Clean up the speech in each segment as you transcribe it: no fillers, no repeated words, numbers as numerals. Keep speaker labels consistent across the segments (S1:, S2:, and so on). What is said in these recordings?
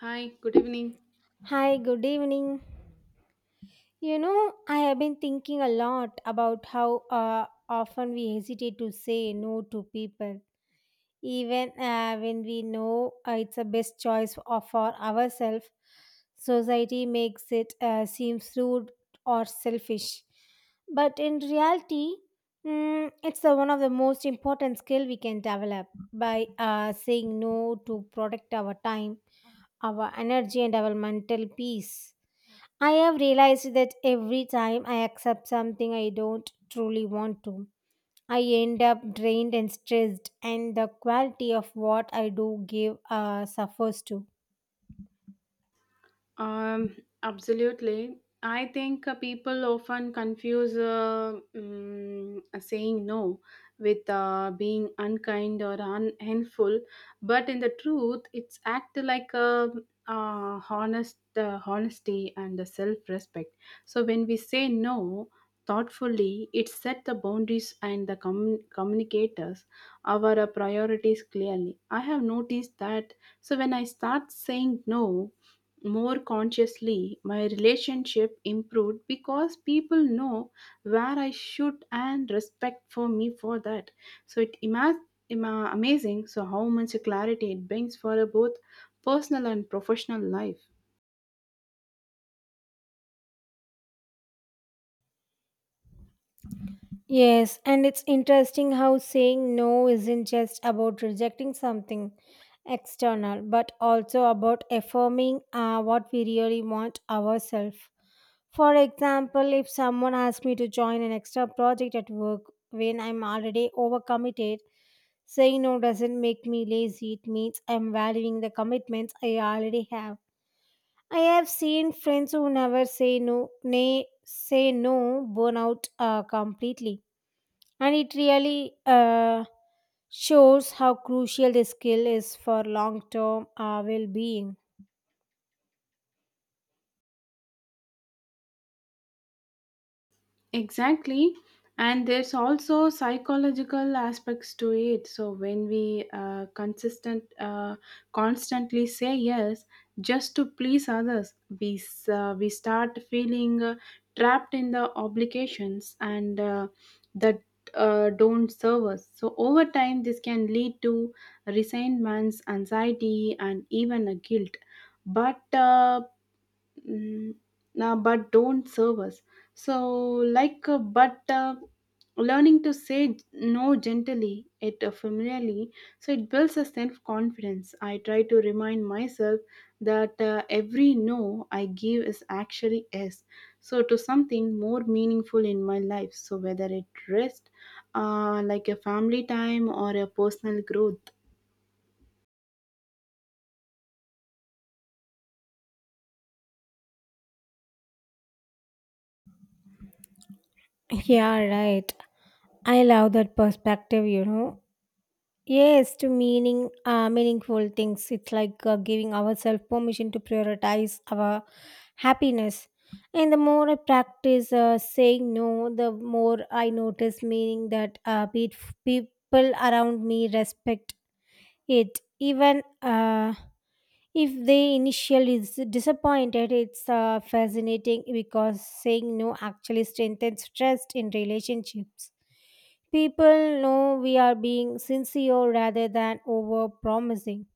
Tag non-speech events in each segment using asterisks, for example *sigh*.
S1: Hi, good evening.
S2: Hi, good evening. You know, I have been thinking a lot about how often we hesitate to say no to people, even when we know it's the best choice for ourselves. Society makes it seem rude or selfish, but in reality, it's the one of the most important skill we can develop by saying no to protect our time, our energy, and our mental peace. I have realized that every time I accept something I don't truly want to, I end up drained and stressed, and the quality of what I do give suffers too.
S1: Um, Absolutely. I think people often confuse saying no with being unkind or unhelpful, but in the truth, it's act like a honesty and the self-respect. So when we say no thoughtfully, it set the boundaries and the communicators our priorities clearly. I have noticed that. So when I start saying no more consciously, my relationship improved because people know where I should and respect for me for that. So it amazing so how much clarity it brings for a both personal and professional life.
S2: Yes, and it's interesting how saying no isn't just about rejecting something external, but also about affirming what we really want ourselves. For example, if someone asks me to join an extra project at work when I'm already overcommitted, saying no doesn't make me lazy. It means I'm valuing the commitments I already have. I have seen friends who never say no, nay, say no, burn out completely, and it really shows how crucial this skill is for long-term well-being.
S1: Exactly. And there's also psychological aspects to it. So when we constantly say yes just to please others, we start feeling trapped in the obligations and that don't serve us. So over time, this can lead to resentments, anxiety, and even a guilt. But uh, Mm, but don't serve us. So, like, but learning to say no gently, it familiarly, so it builds a self confidence. I try to remind myself that every no I give is actually yes. So, to something more meaningful in my life. So, whether it rest, like a family time or a personal growth.
S2: *laughs* Yeah, right. I love that perspective, you know. Yes, to meaningful things. It's like giving ourselves permission to prioritize our happiness. And the more I practice saying no, the more I notice meaning that people around me respect it. Even if they initially is disappointed, it's fascinating because saying no actually strengthens trust in relationships. People know we are being sincere rather than over promising.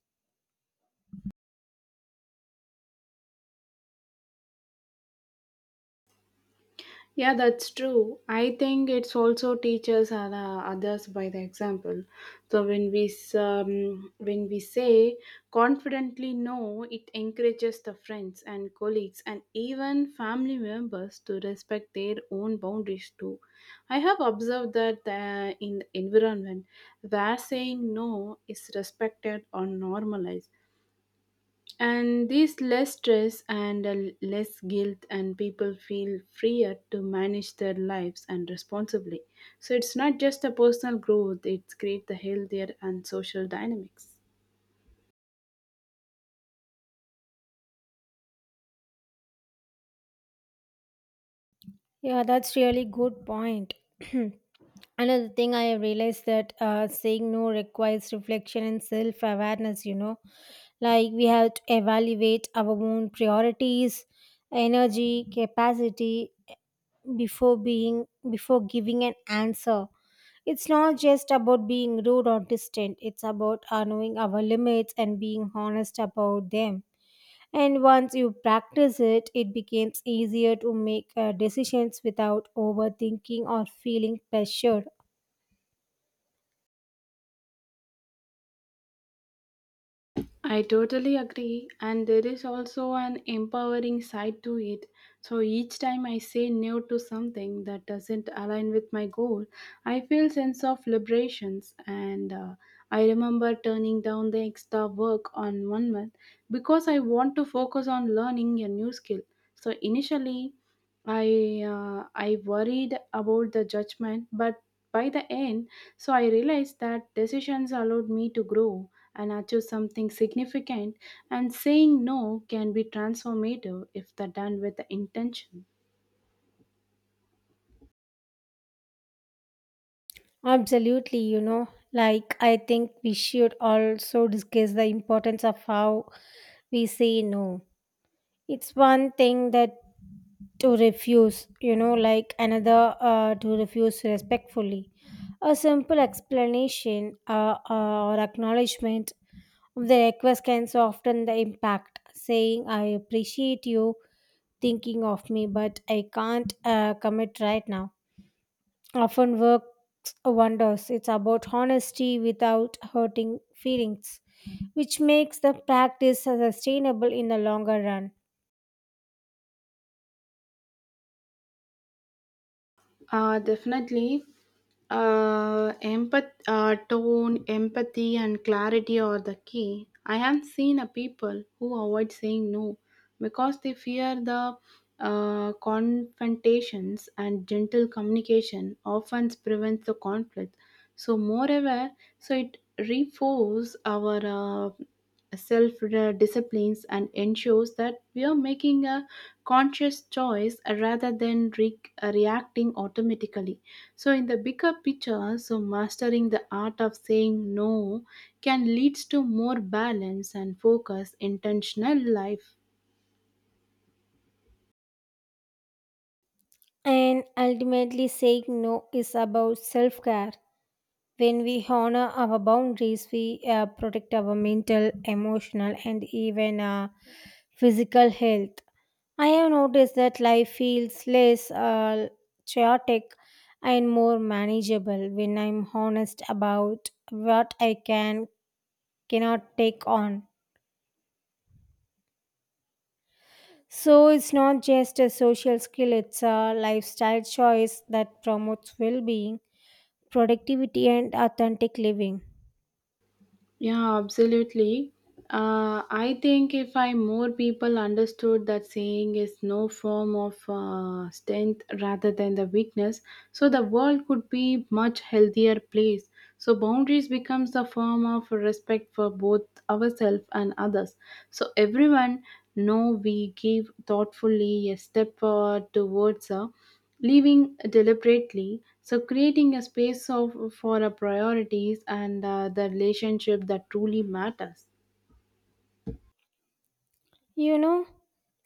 S1: Yeah, that's true. I think it's also teachers and others by the example. So when we say confidently no, it encourages the friends and colleagues and even family members to respect their own boundaries too. I have observed that in the environment where saying no is respected or normalized, and this less stress and less guilt, and people feel freer to manage their lives and responsibly. So it's not just a personal growth; it's create the healthier and social dynamics.
S2: Yeah, that's really good point. *clears throat* Another thing I have realized that saying no requires reflection and self awareness, you know, like we have to evaluate our own priorities, energy, capacity, before being before giving an answer. It's not just about being rude or distant. It's about knowing our limits and being honest about them, and once you practice it, it becomes easier to make decisions without overthinking or feeling pressured.
S1: I totally agree, and there is also an empowering side to it. So each time I say no to something that doesn't align with my goal, I feel sense of liberations. And I remember turning down the extra work on one month because I want to focus on learning a new skill. So initially, I worried about the judgment, but by the end, so I realized that decisions allowed me to grow and achieve something significant, and saying no can be transformative if they're done with the intention.
S2: Absolutely, you know, like I think we should also discuss the importance of how we say no. It's one thing that to refuse, you know, like another to refuse respectfully. A simple explanation or acknowledgement of the request can soften the impact, saying, "I appreciate you thinking of me, but I can't commit right now." Often works wonders. It's about honesty without hurting feelings, which makes the practice sustainable in the longer run.
S1: Definitely, tone, empathy, and clarity are the key. I have seen a people who avoid saying no because they fear the confrontations, and gentle communication often prevents the conflict. So, moreover, so it reinforces our uh, self disciplines and ensures that we are making a conscious choice, rather than reacting automatically. So in the bigger picture, so mastering the art of saying no can leads to more balance and focus intentional life.
S2: And ultimately, saying no is about self care. When we honor our boundaries, we protect our mental, emotional, and even physical health. I have noticed that life feels less chaotic and more manageable when I'm honest about what I can cannot take on. So it's not just a social skill; it's a lifestyle choice that promotes well-being, productivity, and authentic living.
S1: Yeah, absolutely. I think if I more people understood that saying is no form of strength rather than the weakness, so the world could be much healthier place. So boundaries becomes a form of respect for both ourselves and others. So everyone know we give thoughtfully a step towards her, leaving deliberately, so creating a space of, for our priorities and the relationship that truly matters.
S2: You know,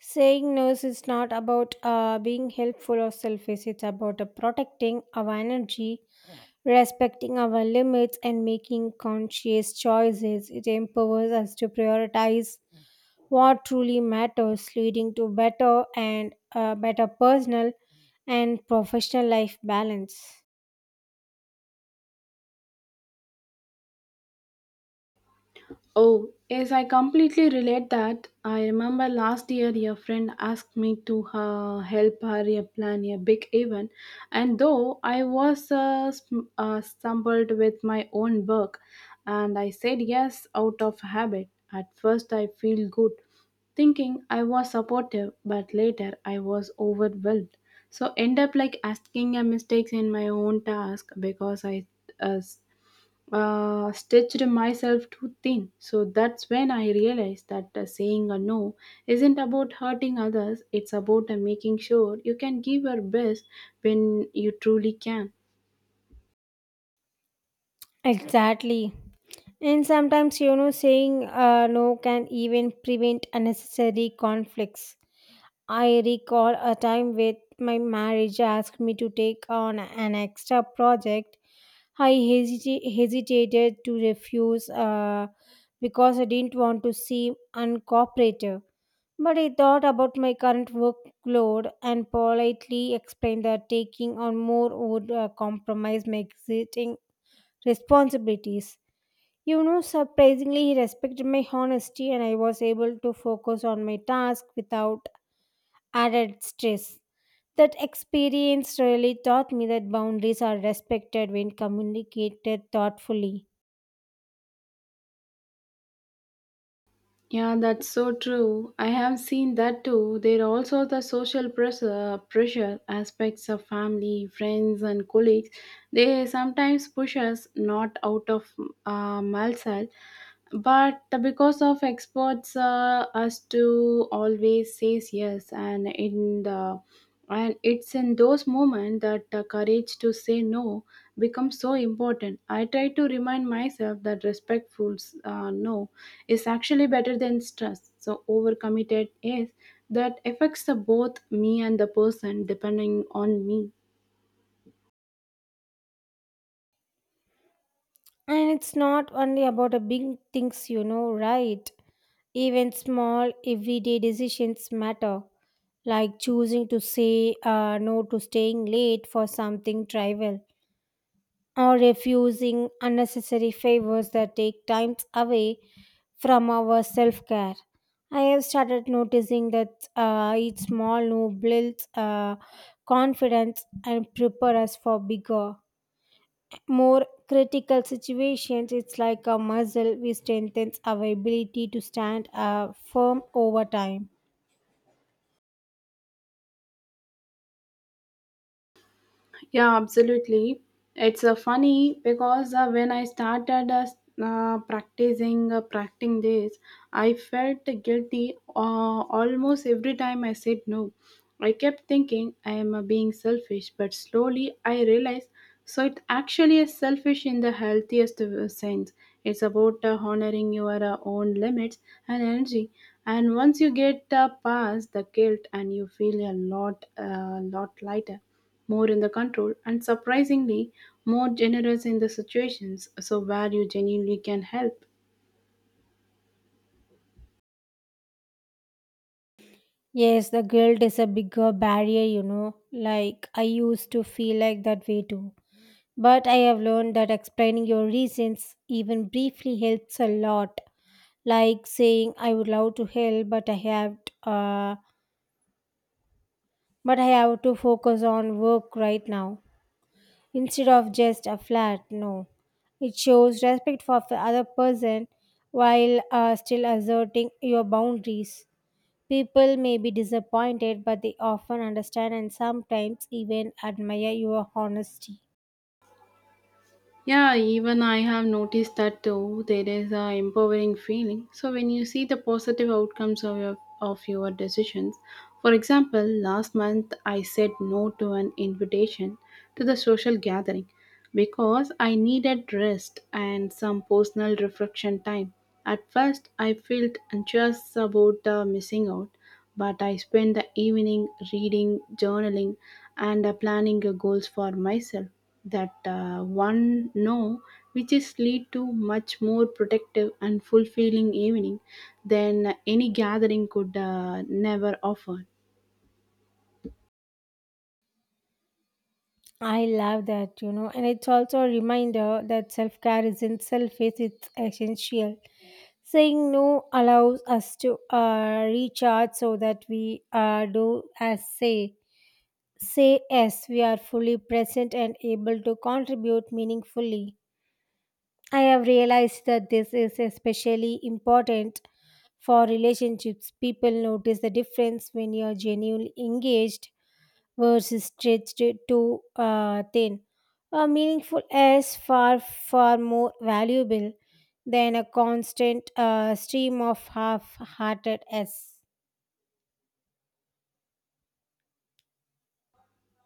S2: saying no is not about being helpful or selfish, it's about protecting our energy, respecting our limits, and making conscious choices. It empowers us to prioritize what truly matters, leading to better and better personal and professional life balance.
S1: Oh, yes, I completely relate that. I remember last year your friend asked me to help her plan a big event, and though I was stumbled with my own work, and I said yes out of habit. At first, I feel good, thinking I was supportive, but later I was overwhelmed. So end up like asking a mistakes in my own task because I uh, stitched myself too thin. So that's when I realized that saying a no isn't about hurting others, it's about making sure you can give your best when you truly can.
S2: Exactly. And sometimes, you know, saying no can even prevent unnecessary conflicts. I recall a time with my marriage asked me to take on an extra project. I hesitated to refuse because I didn't want to seem uncooperative. But I thought about my current workload and politely explained that taking on more would compromise my existing responsibilities. You know, surprisingly, he respected my honesty, and I was able to focus on my task without added stress. That experience really taught me that boundaries are respected when communicated thoughtfully.
S1: Yeah, that's so true. I have seen that too. There are also the social pressure aspects of family, friends, and colleagues. They sometimes push us not out of malsal, but because of experts, us to always says yes, and in the and it's in those moments that the courage to say no becomes so important. I try to remind myself that respectful no is actually better than stress. So overcommitted is that affects the both me and the person depending on me.
S2: And it's not only about the big things, you know, right? Even small, everyday decisions matter, like choosing to say no to staying late for something trivial, or refusing unnecessary favors that take time away from our self care. I have started noticing that each small no builds confidence and prepare us for bigger, more critical situations. It's like a muscle which strengthens our ability to stand firm over time.
S1: Yeah, absolutely. It's funny because when I started practicing this, I felt guilty almost every time I said no. I kept thinking I am being selfish, but slowly I realized so it actually is selfish in the healthiest sense. It's about honoring your own limits and energy. And once you get past the guilt, and you feel a lot lighter, more in the control, and surprisingly more generous in the situations so where you genuinely can help.
S2: Yes, the guilt is a bigger barrier, you know. Like I used to feel like that way too. But I have learned that explaining your reasons, even briefly, helps a lot. Like saying, "I would love to help, uh, but I have to focus on work right now," instead of just a flat no. It shows respect for the other person while still asserting your boundaries. People may be disappointed, but they often understand and sometimes even admire your honesty.
S1: Yeah, even I have noticed that too. There is a empowering feeling. So when you see the positive outcomes of your decisions, for example, last month I said no to an invitation to the social gathering because I needed rest and some personal reflection time. At first, I felt anxious about missing out, but I spend the evening reading, journaling, and planning goals for myself that one know which is lead to much more protective and fulfilling evening than any gathering could never offer.
S2: I love that, you know, and it's also a reminder that self care isn't selfish, it's essential. Saying no allows us to recharge so that we do as say. Say yes, we are fully present and able to contribute meaningfully. I have realized that this is especially important for relationships. People notice the difference when you are genuinely engaged words stretched too thin. A meaningful is far, far more valuable than a constant stream of half hearted S.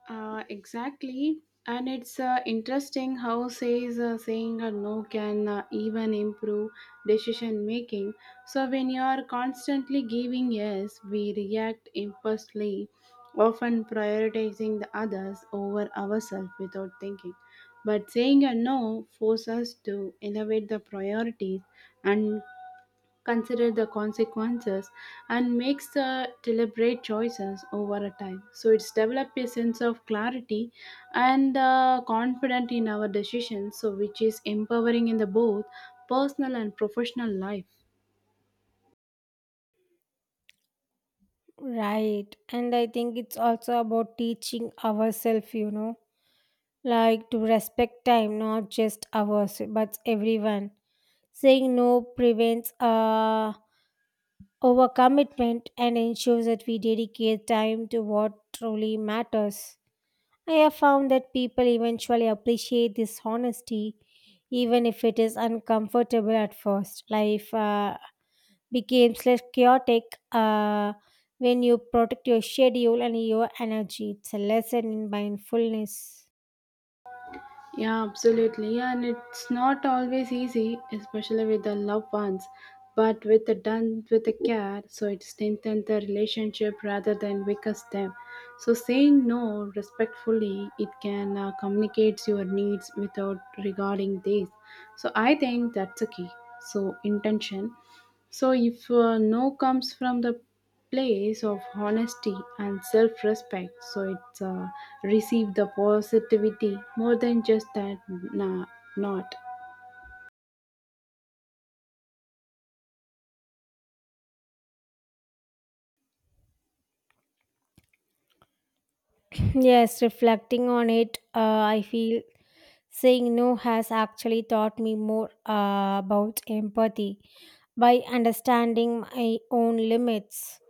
S1: Exactly. And it's interesting how says saying a no can even improve decision making. So when you are constantly giving yes, we react impulsively, often prioritizing the others over ourselves without thinking. But saying a no forces us to elevate the priorities and consider the consequences and makes the deliberate choices over a time, so it's developed a sense of clarity and confident in our decisions, so which is empowering in the both personal and professional life.
S2: Right. And I think it's also about teaching ourselves, you know, like to respect time, not just ours, but everyone. Saying no prevents overcommitment and ensures that we dedicate time to what truly matters. I have found that people eventually appreciate this honesty, even if it is uncomfortable at first. Life becomes less chaotic uh, when you protect your schedule and your energy. It's a lesson in mindfulness.
S1: Yeah, absolutely. And it's not always easy, especially with the loved ones, but with the done with the care, so it strengthens the relationship rather than weakens them. So saying no respectfully, it can communicate your needs without regarding this. So I think that's a key. So intention. So, if no comes from the place of honesty and self respect, so it's receive the positivity more than just that Nah, not.
S2: *sniffs* Yes, reflecting on it, I feel saying no has actually taught me more about empathy by understanding my own limits.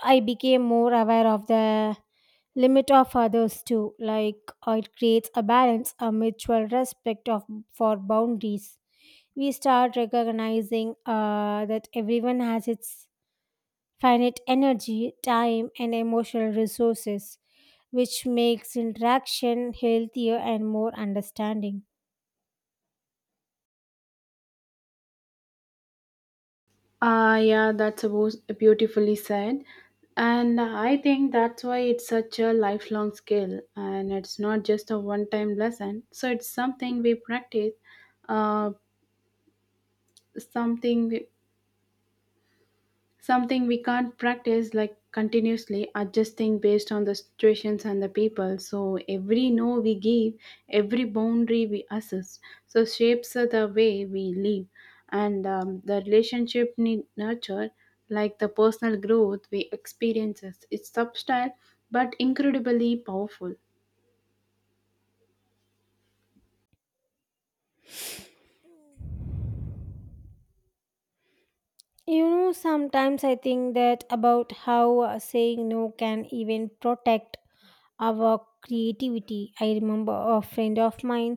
S2: I became more aware of the limit of others too. Like it creates a balance, a mutual respect of for boundaries. We start recognizing that everyone has its finite energy, time, and emotional resources, which makes interaction healthier and more understanding.
S1: Ah, yeah, that's about beautifully said. And I think that's why it's such a lifelong skill and it's not just a one time lesson. So, it's something we practice, uh, something something we can't practice, like continuously adjusting based on the situations and the people. So every no we give, every boundary we assess, so shapes the way we live and, the relationship need nurture, like the personal growth we experiences. It's subtle but incredibly powerful.
S2: You know, sometimes I think that about how saying no can even protect our creativity. I remember a friend of mine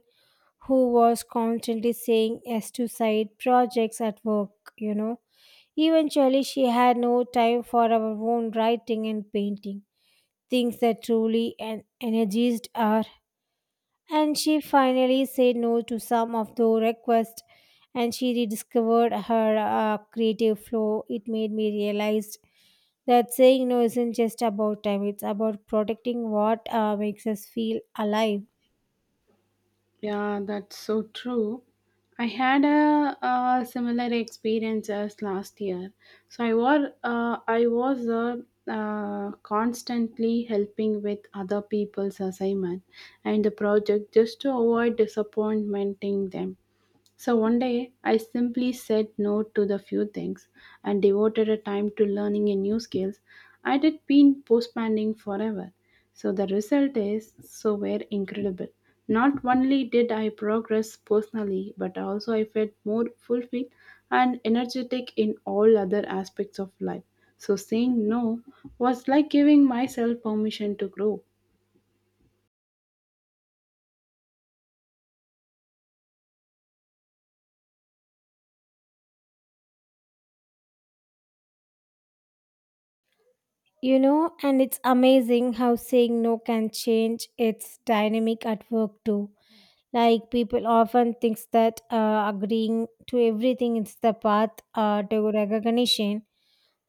S2: who was constantly saying yes to side projects at work, you know. Eventually, she had no time for our own writing and painting, things that truly energized her. And she finally said no to some of the requests, and she rediscovered her creative flow. It made me realize that saying no isn't just about time, it's about protecting what makes us feel alive.
S1: Yeah, that's so true. I had a similar experience as last year. So I was constantly helping with other people's assignment and the project just to avoid disappointing them. So one day, I simply said no to the few things and devoted a time to learning a new skills I had been postponing forever. So the result is so were incredible. Not only did I progress personally, but also I felt more fulfilled and energetic in all other aspects of life. So saying no was like giving myself permission to grow.
S2: You know, and it's amazing how saying no can change its dynamic at work too. Like people often think that agreeing to everything is the path to recognition,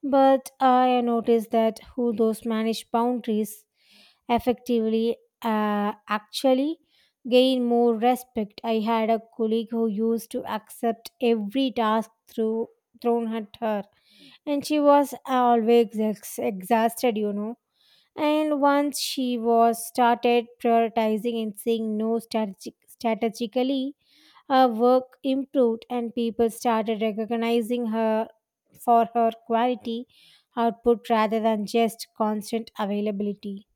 S2: but I noticed that who those manage boundaries effectively actually gain more respect. I had a colleague who used to accept every task through thrown at her, and she was always exhausted, you know. And once she was started prioritizing and saying no strategically, her work improved and people started recognizing her for her quality output rather than just constant availability.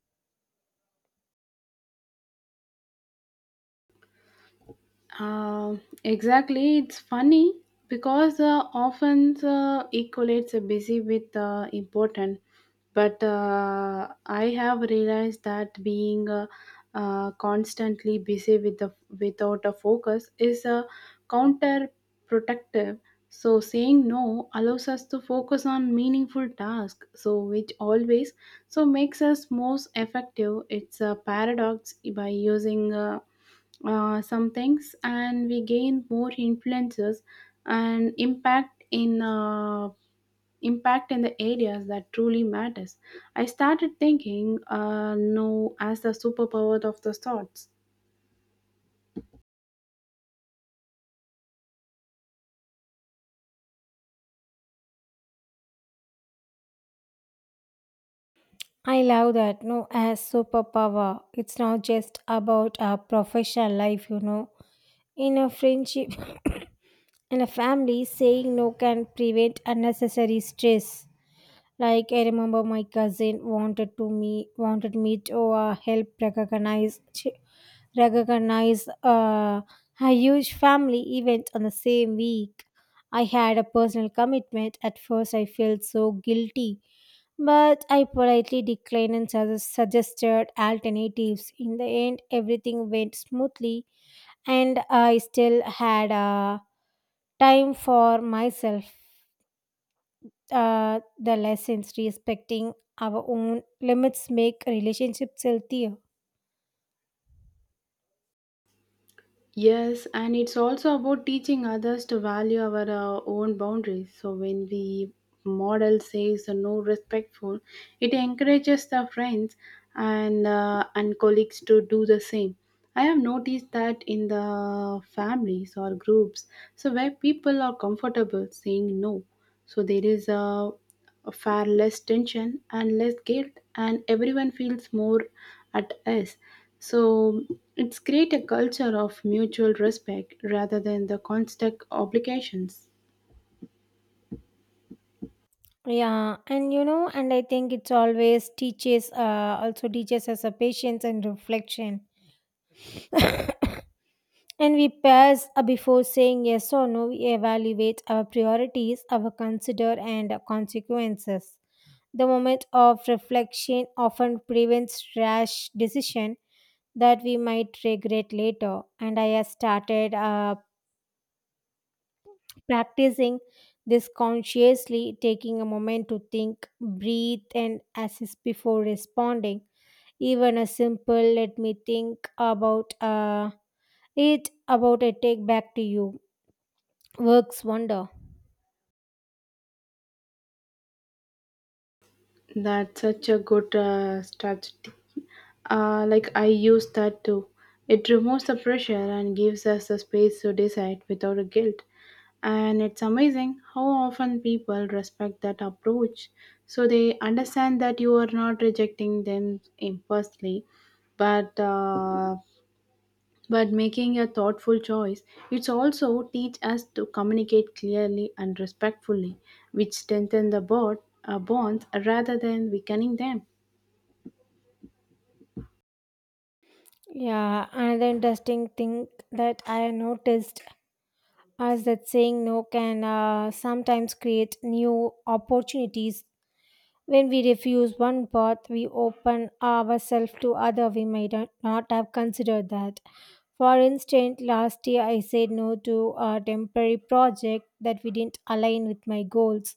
S1: Exactly. It's funny because often equates a busy with important. But I have realized that being constantly busy with the without a focus is counterproductive. So saying no allows us to focus on meaningful tasks. So which always so makes us most effective. It's a paradox by using. Some things and we gain more influences and impact in the areas that truly matters. I started thinking no as the superpower of the thoughts.
S2: I love that. No, as superpower, it's not just about our professional life, you know. In a friendship, *coughs* in a family, saying no can prevent unnecessary stress. Like I remember, my cousin wanted me to help recognize a huge family event on the same week. I had a personal commitment. At first, I felt so guilty, but I politely declined and suggested alternatives. In the end, everything went smoothly, and I still had time for myself. The lessons respecting our own limits make relationships healthier.
S1: Yes, and it's also about teaching others to value our own boundaries. So when we model says no respectful, it encourages the friends and colleagues to do the same. I have noticed that in the families or groups, so where people are comfortable saying no, so there is a far less tension and less guilt, and everyone feels more at ease, so it's create a culture of mutual respect rather than the constant obligations.
S2: Yeah, and you know, and I think it's always teaches, also teaches us a patience and reflection. And we pause before saying yes or no, we evaluate our priorities, our consider and consequences. The moment of reflection often prevents rash decision that we might regret later. And I have started practicing this consciously, taking a moment to think, breathe, and assess before responding. Even a simple let me think about it about a take back to you works wonder.
S1: That's such a good strategy. Like I use that too. It removes the pressure and gives us the space to decide without a guilt. And it's amazing how often people respect that approach. So they understand that you are not rejecting them impulsively, but but making a thoughtful choice. It's also teach us to communicate clearly and respectfully, which strengthen the bonds rather than weakening them.
S2: Yeah, another interesting thing that I noticed is that saying no can sometimes create new opportunities. When we refuse one path, we open ourselves to other we might not have considered that. For instance, last year I said no to a temporary project that we didn't align with my goals.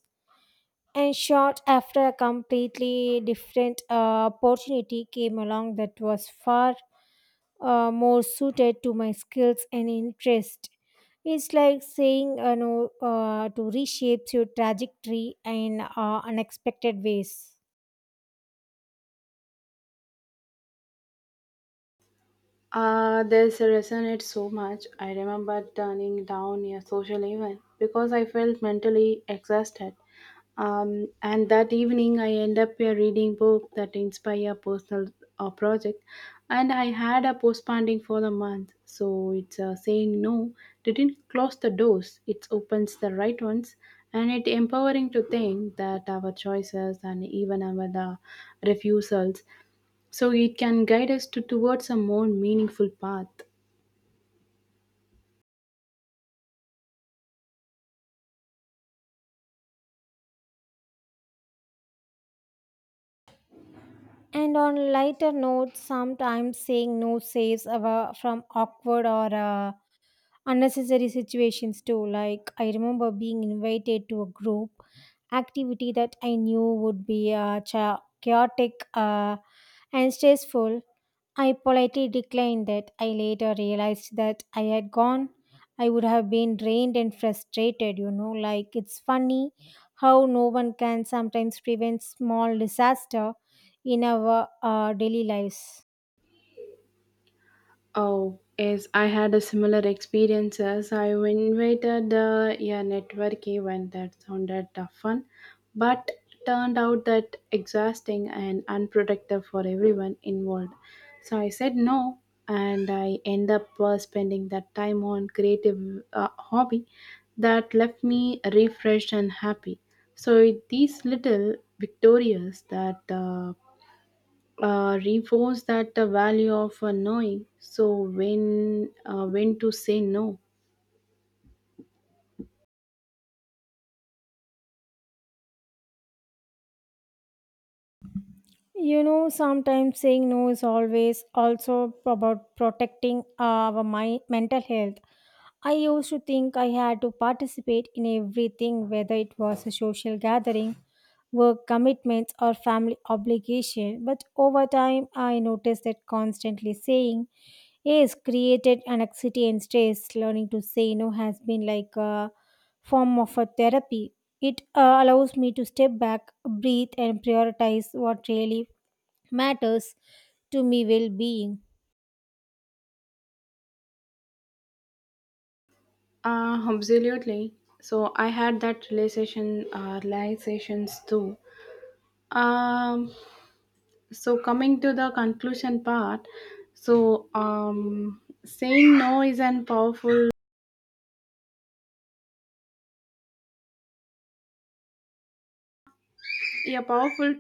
S2: And short after a completely different opportunity came along that was far more suited to my skills and interest. It's like saying no to reshape your trajectory in unexpected ways.
S1: This resonates so much. I remember turning down a social event because I felt mentally exhausted. And that evening, I end up reading book that inspire a personal project, and I had a postponing for the month. So it's saying no didn't close the doors; it opens the right ones, and it empowering to think that our choices and even our the refusals, so it can guide us to towards a more meaningful path.
S2: And on lighter notes, sometimes saying no saves from awkward or unnecessary situations too. Like I remember being invited to a group activity that I knew would be chaotic and stressful. I politely declined it. I later realized that I had gone. I would have been drained and frustrated, you know. Like, it's funny how no one can sometimes prevent small disaster in our daily lives.
S1: Oh, yes, I had a similar experience as I invited a network event that sounded fun but turned out that exhausting and unproductive for everyone involved. So I said no and I end up spending that time on creative hobby that left me refreshed and happy. So these little victorious that reinforce that the value of knowing so when to say no.
S2: You know, sometimes saying no is always also about protecting our my mental health. I used to think I had to participate in everything, whether it was a social gathering, work commitments, or family obligation. But over time, I noticed that constantly saying yes created anxiety and stress. Learning to say no has been like a form of a therapy. It allows me to step back, breathe, and prioritize what really matters to me well being.
S1: Absolutely. So I had that realizations too. um, so coming to the conclusion part, so saying no is an powerful a powerful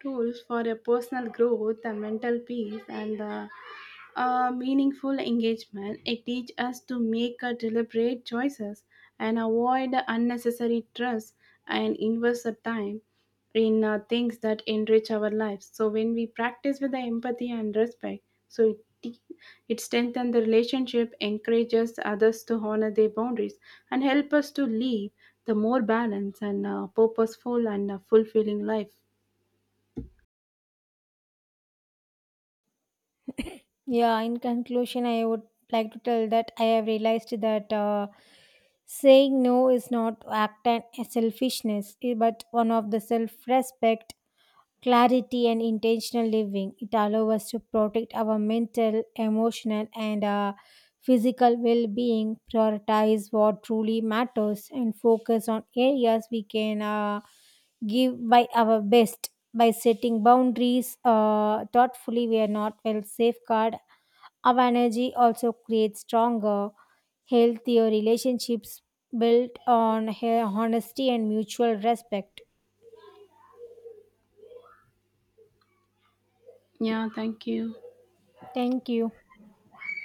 S1: tool for a personal growth and mental peace and a meaningful engagement. It teaches us to make a deliberate choices and avoid the unnecessary stress and invest our time in things that enrich our lives. So when we practice with the empathy and respect, so it strengthens the relationship, encourages others to honor their boundaries, and help us to live the more balanced and purposeful and fulfilling life.
S2: Yeah, in conclusion, I would like to tell that I have realized that saying no is not act and selfishness, eh, but one of the self-respect, clarity, and intentional living. It allows us to protect our mental, emotional, and physical well-being, prioritize what truly matters, and focus on areas we can. Give by our best by setting boundaries thoughtfully, we are not well safeguard our energy also creates stronger healthier relationships built on honesty and mutual respect.
S1: Yeah, thank you.
S2: Thank you.